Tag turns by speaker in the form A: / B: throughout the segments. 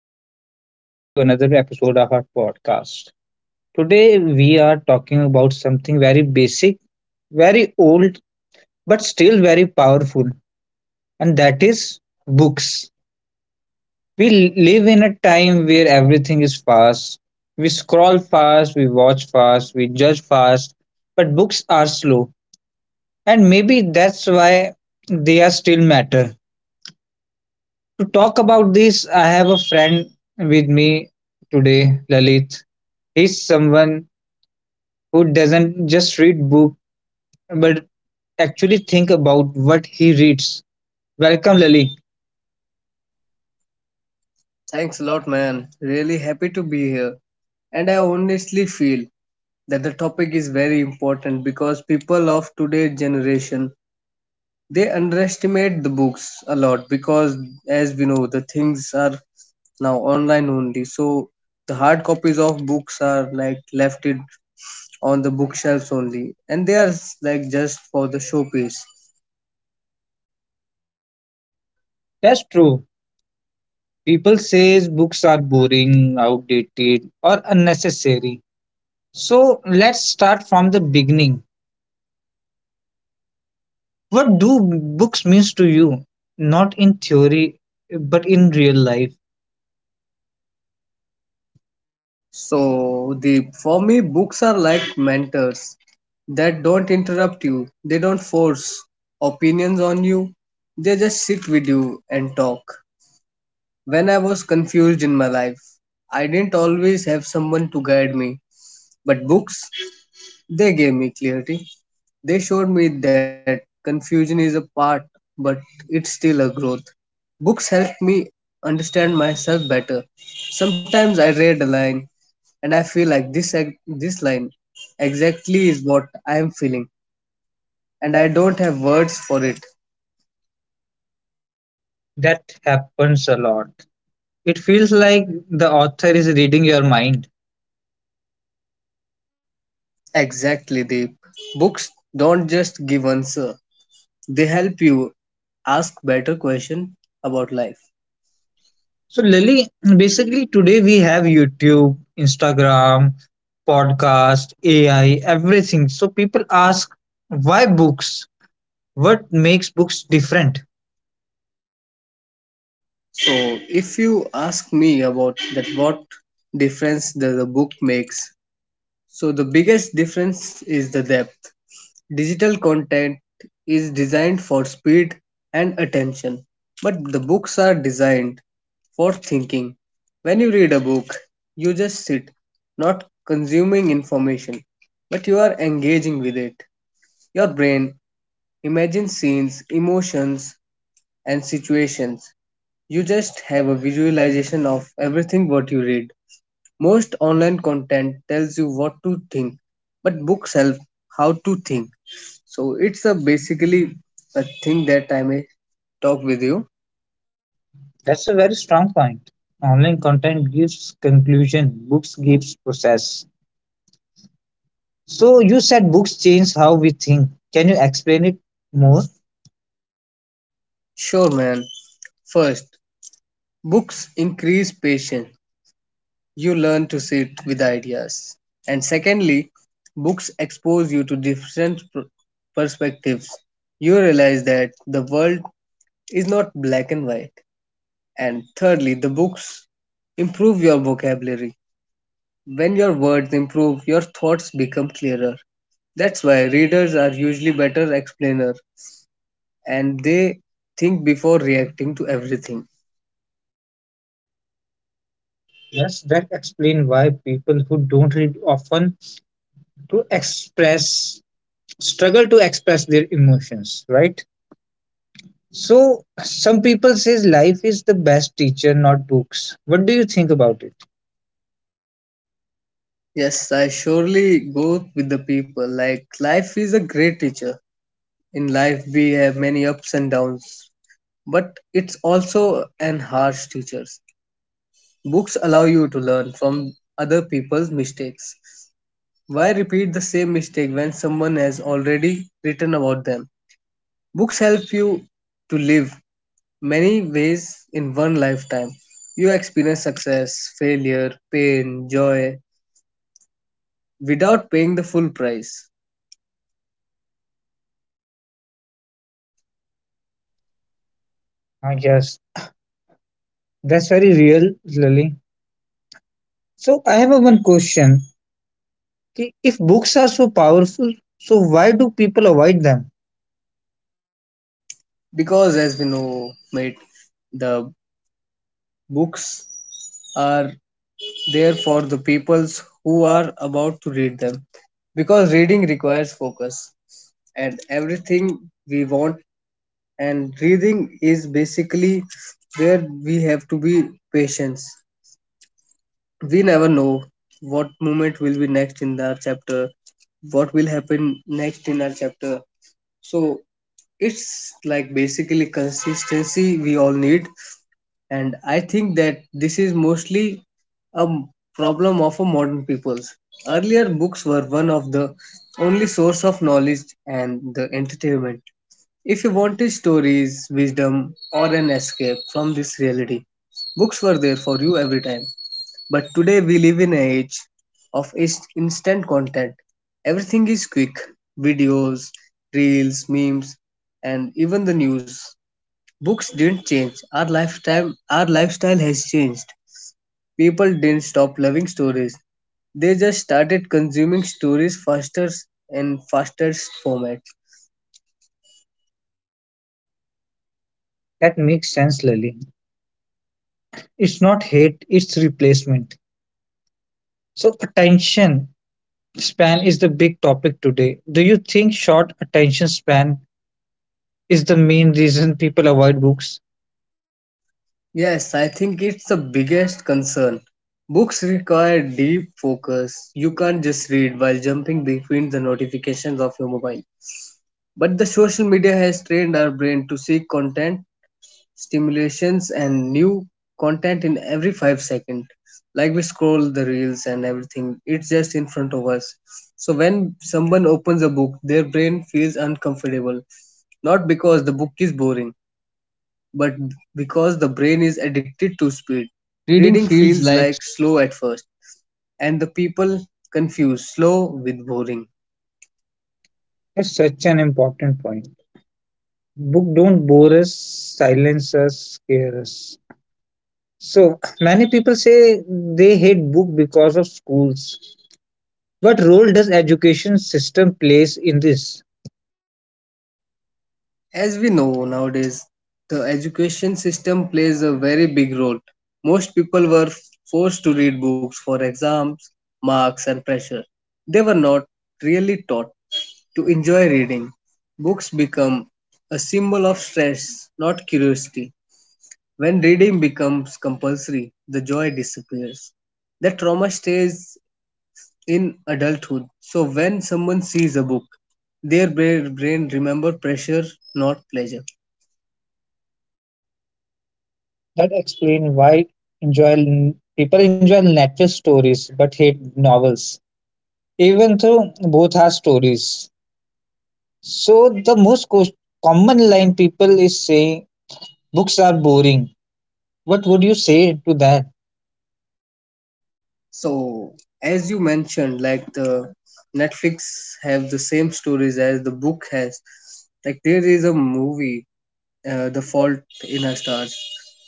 A: everyone. Welcome back to another episode of our podcast. Today, we are talking about something very basic, very old, but still very powerful, and that is books. We live in a time where everything is fast. We scroll fast, we watch fast, we judge fast, but books are slow. And maybe that's why they are still matter. To talk about this, I have a friend with me today, Lalit. He's someone who doesn't just read book but actually think about what he reads. Welcome, Lali.
B: Thanks a lot, man. Really happy to be here. And I honestly feel that the topic is very important because people of today's generation they underestimate the books a lot because as we know the things are now online only. So the hard copies of books are like left it on the bookshelves only and they are like just for the showpiece.
A: That's true. People says books are boring, outdated, or unnecessary. So let's start from the beginning. What do books means to you? Not in theory, but in real life.
B: So the for me books are like mentors that don't interrupt you. They don't force opinions on you. They just sit with you and talk. When I was confused in my life, I didn't always have someone to guide me, but books they gave me clarity. They showed me that confusion is a part, but it's still a growth. Books helped me understand myself better. Sometimes I read a line and I feel like this line exactly is what I am feeling and I don't have words for it.
A: That happens a lot. It feels like the author is reading your mind.
B: Exactly, Deep. Books don't just give answer. They help you ask better question about life.
A: So, Lily, basically today we have YouTube, Instagram, podcast, AI, everything. So, people ask, why books? What makes books different?
B: So if you ask me about that what difference does a book makes, so the biggest difference is the depth. Digital content is designed for speed and attention, but the books are designed for thinking. When you read a book, you just sit, not consuming information, but you are engaging with it. Your brain imagines scenes, emotions, and situations. You just have a visualization of everything what you read. Most online content tells you what to think, but books help how to think. So it's a basically a thing that I may talk with you.
A: That's a very strong point. Online content gives conclusion, books gives process. So, you said books change how we think. Can you explain it more?
B: Sure, man. First, books increase patience. You learn to sit with ideas. And secondly, books expose you to different perspectives. You realize that the world is not black and white. And thirdly, the books improve your vocabulary. When your words improve, your thoughts become clearer. That's why readers are usually better explainer and they think before reacting to everything.
A: Yes, that explain why people who don't read often to express struggle to express their emotions, right? So some people says life is the best teacher, not books. What do you think about it?
B: Yes, I surely go with the people. Like life is a great teacher. In life we have many ups and downs, but it's also an harsh teacher. Books allow you to learn from other people's mistakes. Why repeat the same mistake when someone has already written about them? Books help you to live many ways in one lifetime. You experience success, failure, pain, joy without paying the full price.
A: Ah, yes, that's very real, Lily. So I have a one question. Ki If books are so powerful, so why do people avoid them?
B: Because, as we know, mate, the books are there for the peoples who are about to read them. Because reading requires focus, and everything we want, and reading is basically where we have to be patient. We never know what moment will be next in our chapter, what will happen next in our chapter. So it's like basically consistency we all need, and I think that this is mostly a problem of a modern peoples. Earlier books were one of the only source of knowledge and the entertainment. If you wanted stories, wisdom, or an escape from this reality, books were there for you every time. But today we live in an age of instant content. Everything is quick videos, reels, memes, and even the news. Books didn't change. Our lifetime, our lifestyle has changed. People didn't stop loving stories. They just started consuming stories faster and faster format.
A: That makes sense, Lily. It's not hate, it's replacement. So attention span is the big topic today. Do you think short attention span is the main reason people avoid books?
B: Yes, I think it's the biggest concern. Books require deep focus. You can't just read while jumping between the notifications of your mobile. But the social media has trained our brain to seek content, stimulations, and new content in every 5 seconds. Like we scroll the reels and everything, it's just in front of us. So when someone opens a book, their brain feels uncomfortable, not because the book is boring, but because the brain is addicted to speed. Reading
A: Reading
B: feels
A: feels like
B: like slow at first, and the people confuse slow with boring.
A: that's such an important point. Book don't bore us silence us scare us so many people say they hate book because of schools. What role does education system plays in this?
B: As we know nowadays, the education system plays a very big role. Most people were forced to read books for exams, marks, and pressure. They were not really taught to enjoy reading. Books become a symbol of stress, not curiosity. When reading becomes compulsory, the joy disappears. The trauma stays in adulthood. So when someone sees a book, their brain remember pressure, not pleasure.
A: That explain why enjoy people enjoy Netflix stories but hate novels, even though both are stories. So the most common line people is saying books are boring. What would you say to that?
B: So, as you mentioned, like the Netflix have the same stories as the book has. Like there is a movie, The Fault in Our Stars.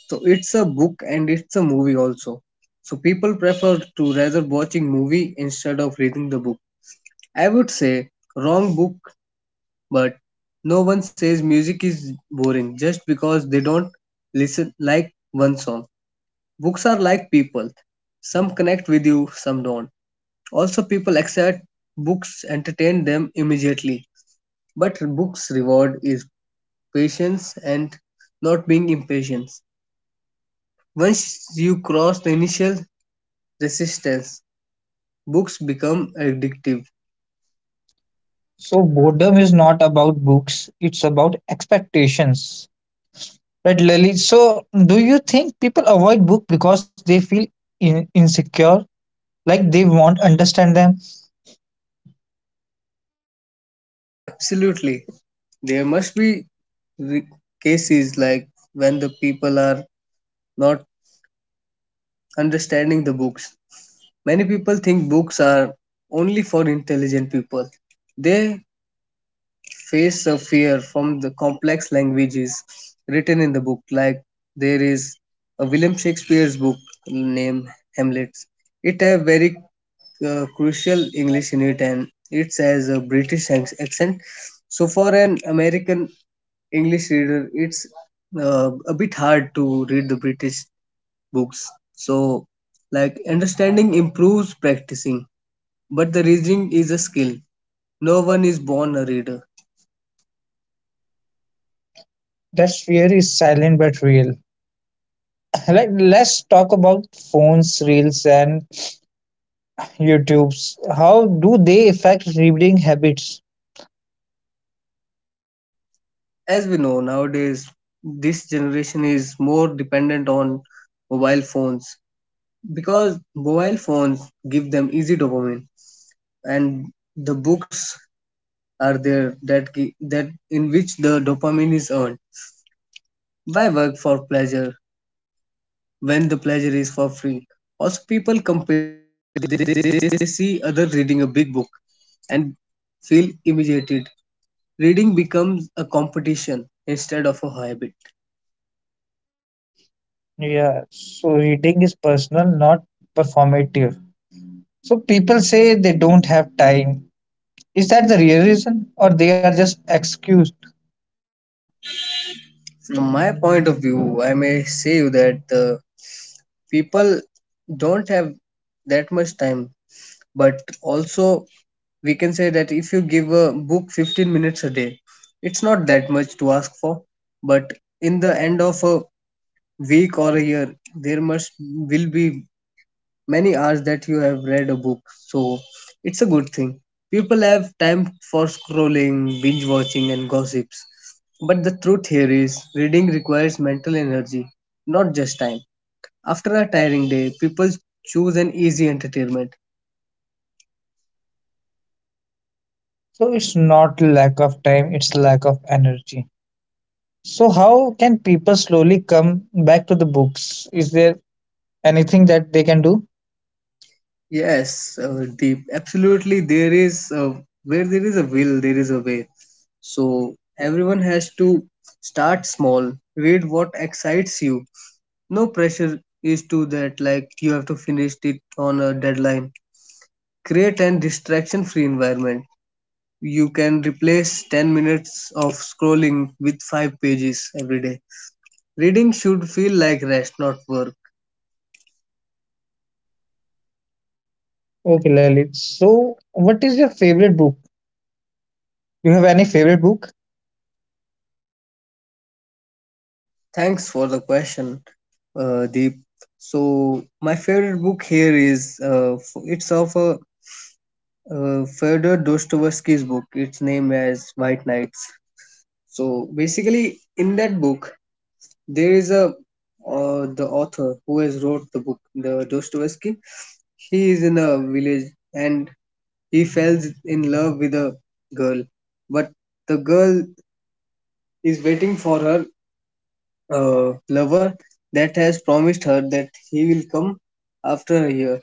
B: So it's a book and it's a movie also. So people prefer to rather watching movie instead of reading the book. I would say wrong book, but no one says music is boring just because they don't listen like one song. Books are like people. Some connect with you, some don't. Also, people accept books entertain them immediately, but books reward is patience and not being impatient. Once you cross the initial resistance, books become addictive.
A: So boredom is not about books, it's about expectations. Right, Lily. So, do you think people avoid book because they feel insecure, like they won't understand them?
B: Absolutely, there must be re- cases like when the people are not understanding the books. Many people think books are only for intelligent people. They face a fear from the complex languages written in the book. Like there is a William Shakespeare's book named Hamlet. It has very crucial English in it, and it has a British accent. So for an American English reader, it's a bit hard to read the British books. So like understanding improves practicing, but the reading is a skill. No one is born a reader.
A: That fear is silent but real. Like, let's talk about phones, reels, and YouTube's. How do they affect reading habits?
B: As we know nowadays this generation is more dependent on mobile phones because mobile phones give them easy dopamine and the books are there that that in which the dopamine is earned. Why work for pleasure when the pleasure is for free? Also people compare, they see other reading a big book and feel imitated. Reading becomes a competition instead of a.
A: Yeah, so reading is personal, not performative. So people say they don't have time. Is that the real reason, or they are just excused?
B: From my point of view, I may say you that the people don't have that much time, but also we can say that if you give a book 15 minutes a day, it's not that much to ask for, but in the end of a week or a year, there must will be many hours that you have read a book. So it's a good thing. People have time for scrolling, binge watching, and gossips. But the truth here is, reading requires mental energy, not just time. After a tiring day, people choose an easy entertainment.
A: So it's not lack of time; it's lack of energy. So, how can people slowly come back to the books? Is there anything that they can do?
B: Yes, Deep, absolutely. There is a, where there is a will, there is a way. So everyone has to start small, read what excites you. No pressure is to that like you have to finish it on a deadline. Create an distraction free environment. You can replace 10 minutes of scrolling with 5 pages every day. Reading should feel like rest, not work.
A: Okay, Lalit. So, what is your favorite book? Do you have any favorite book?
B: Thanks for the question, Deep. So, my favorite book here is it's of a Fyodor Dostoevsky's book. It's named as White Nights. So, basically, in that book, there is a the author who has wrote the book, the Dostoevsky. He is in a village and he falls in love with a girl, but the girl is waiting for her lover that has promised her that he will come after a year.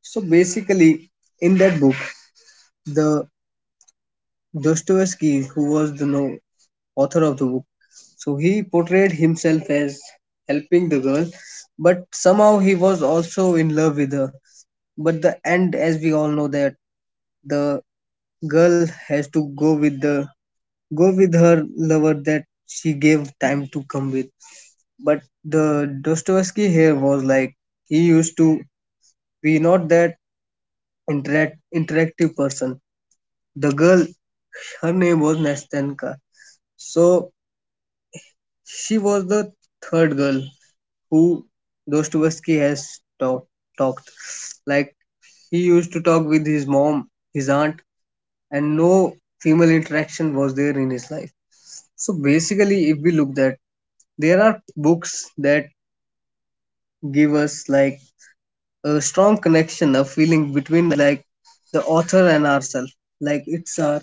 B: So basically, in that book, the Dostoevsky, who was the author of the book. So he portrayed himself as helping the girl, but somehow he was also in love with her. But the end, as we all know, that the girl has to go with her lover that she gave time to come with. But the Dostoevsky here was like he used to be not that interactive person. The girl, her name was Nastenka. So she was the third girl who Dostoevsky has talked. Like he used to talk with his mom, his aunt, and no female interaction was there in his life. So basically, if we look at, there are books that give us like a strong connection, a feeling between like the author and ourselves, like it's our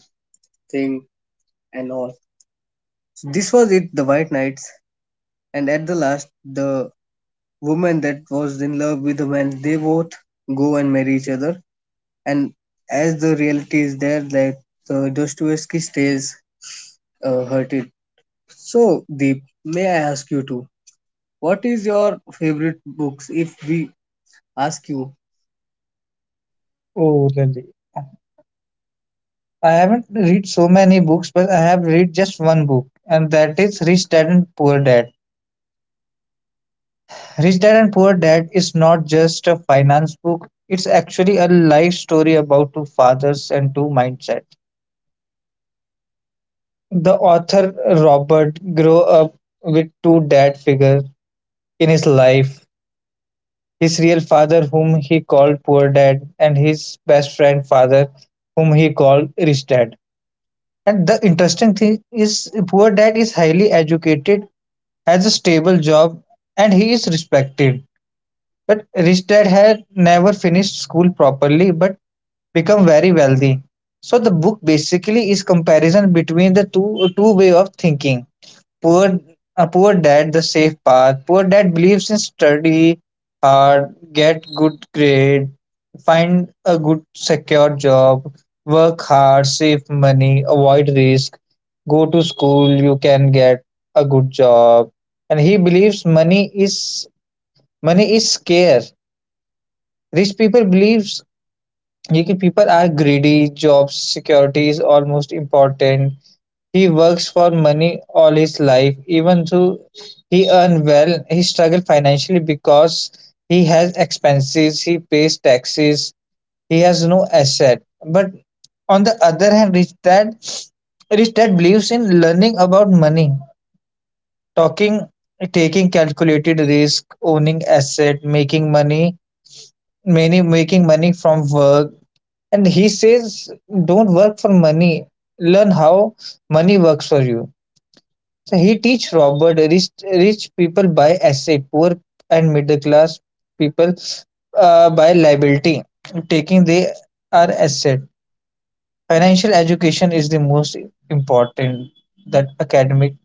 B: thing and all. So this was it, the White Knights, and at the last, the woman that was in love with a man, they both go and marry each other. And as the reality is there, that Dostoevsky stays hurted. So, Deep, may I ask you too? What is your favorite books? If we ask you,
A: Oh, Lalit. I haven't read so many books, but I have read just one book, and that is Rich Dad and Poor Dad. Rich Dad and Poor Dad is not just a finance book, it's actually a life story about two fathers and two mindset. The author Robert grew up with two dad figures in his life. His real father whom he called poor dad and his best friend father whom he called rich dad. And the interesting thing is poor dad is highly educated, has a stable job and he is respected. But rich dad had never finished school properly but become very wealthy. So the book basically is comparison between the two way of thinking. Poor, a poor dad the safe path. Poor dad believes in study hard, get good grade. Find a good secure job, work hard, save money, avoid risk, go to school, you can get a good job. And he believes money is scarce. Rich people believes ye ki people are greedy, job security is almost important. He works for money all his life, even though he earn well, he struggle financially because he has expenses, he pays taxes, he has no asset, but on the other hand rich dad believes in learning about money, talking, taking calculated risk, owning asset, making money, many making money from work. And he says don't work for money, learn how money works for you. So he teach Robert, rich people buy asset, poor and middle class people buy liability, taking they are asset. Financial education is the most important that academic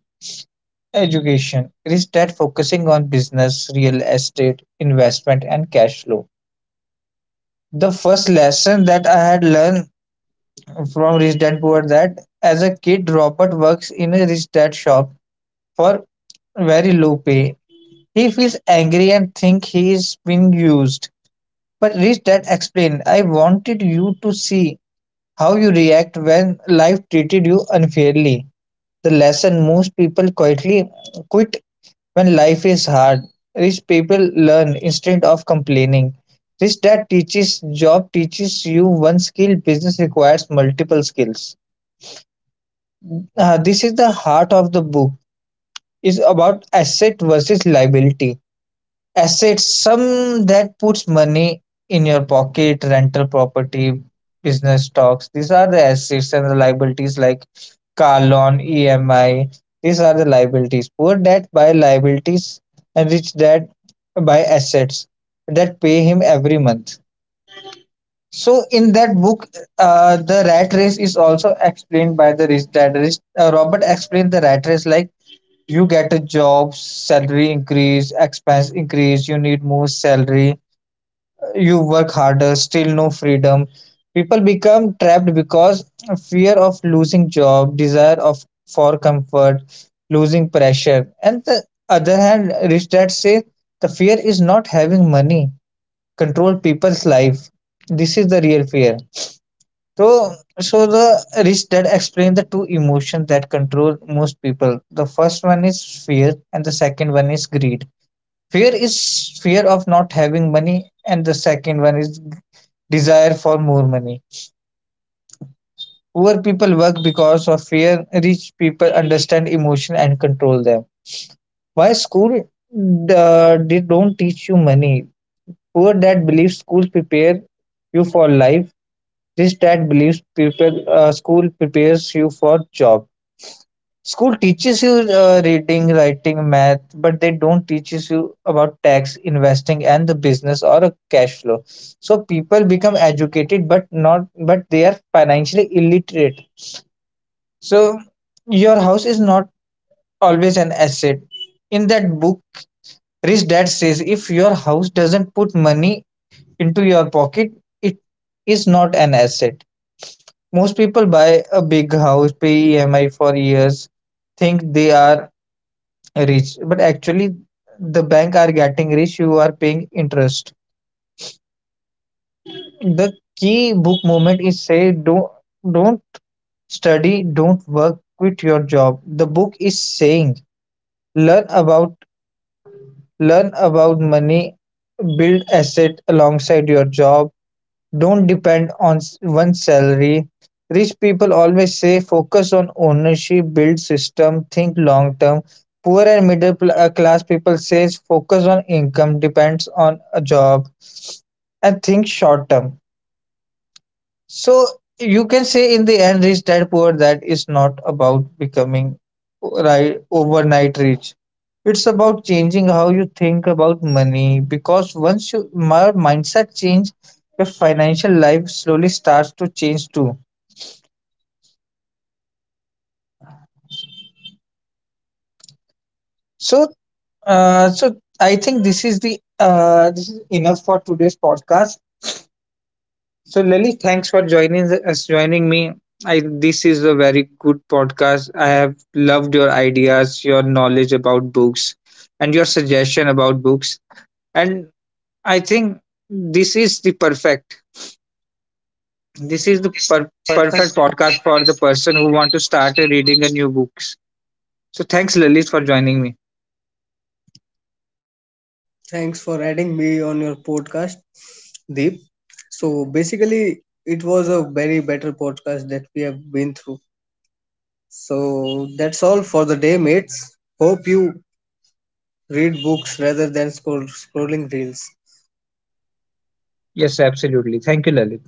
A: education. It is that focusing on business, real estate, investment, and cash flow. The first lesson that I had learned from Rich Dad Poor Dad, as a kid, Robert works in a Rich Dad shop for very low pay. He feels angry and think he is being used. But Rich Dad explained, I wanted you to see how you react when life treated you unfairly. The lesson, most people quietly quit when life is hard. Rich people learn instead of complaining. Rich dad teaches job teaches you one skill, business requires multiple skills. This is the heart of the book, is about asset versus liability. Assets, some that puts money in your pocket, rental property, business stocks. These are the assets and the liabilities like car loan, EMI. These are the liabilities. Poor debt by liabilities and rich debt by assets that pay him every month. So in that book, the rat race is also explained by the rich dad. Robert explained the rat race like you get a job, salary increase, expense increase, you need more salary, you work harder, still no freedom. People become trapped because fear of losing job, desire of for comfort, losing pressure. And the other hand, rich dad say the fear is not having money control people's life. This is the real fear. So, so the rich dad explained the two emotions that control most people. The first one is fear, and the second one is greed. Fear is fear of not having money, and the second one is desire for more money. Poor people work because of fear. Rich people understand emotion and control them. Why school they don't teach you money? Poor dad believes school prepare you for life. Rich dad believes prepare school prepares you for job. School teaches you reading, writing, math, but they don't teaches you about tax, investing, and the business or a cash flow. So people become educated but not but they are financially illiterate. So your house is not always an asset. In that book, Rich Dad says if your house doesn't put money into your pocket, it is not an asset. Most people buy a big house, pay EMI for years, think they are rich, but actually the bank are getting rich, you are paying interest. The key book moment is say don't study, don't work, quit your job. The book is saying learn about Learn about money, build asset alongside your job, don't depend on one's salary. Rich people always say focus on ownership, build system, think long term. Poor and middle class people says focus on income, depends on a job, and think short term. So you can say in the end, rich dad poor dad is not about becoming right overnight rich. It's about changing how you think about money because once your mindset change, your financial life slowly starts to change too. So, so I think this is enough for today's podcast. So Lily, thanks for joining me. I this is a very good podcast. I have loved your ideas, your knowledge about books and your suggestion about books. And I think this is the perfect this is the per- perfect podcast for the person who want to start reading a new books. So thanks Lalit for joining me.
B: thanks for adding me on your podcast, Deep. So basically, it was a very better podcast that we have been through. So that's all for the day, mates. Hope you read books rather than scrolling reels.
A: Yes, absolutely. Thank you Lalit.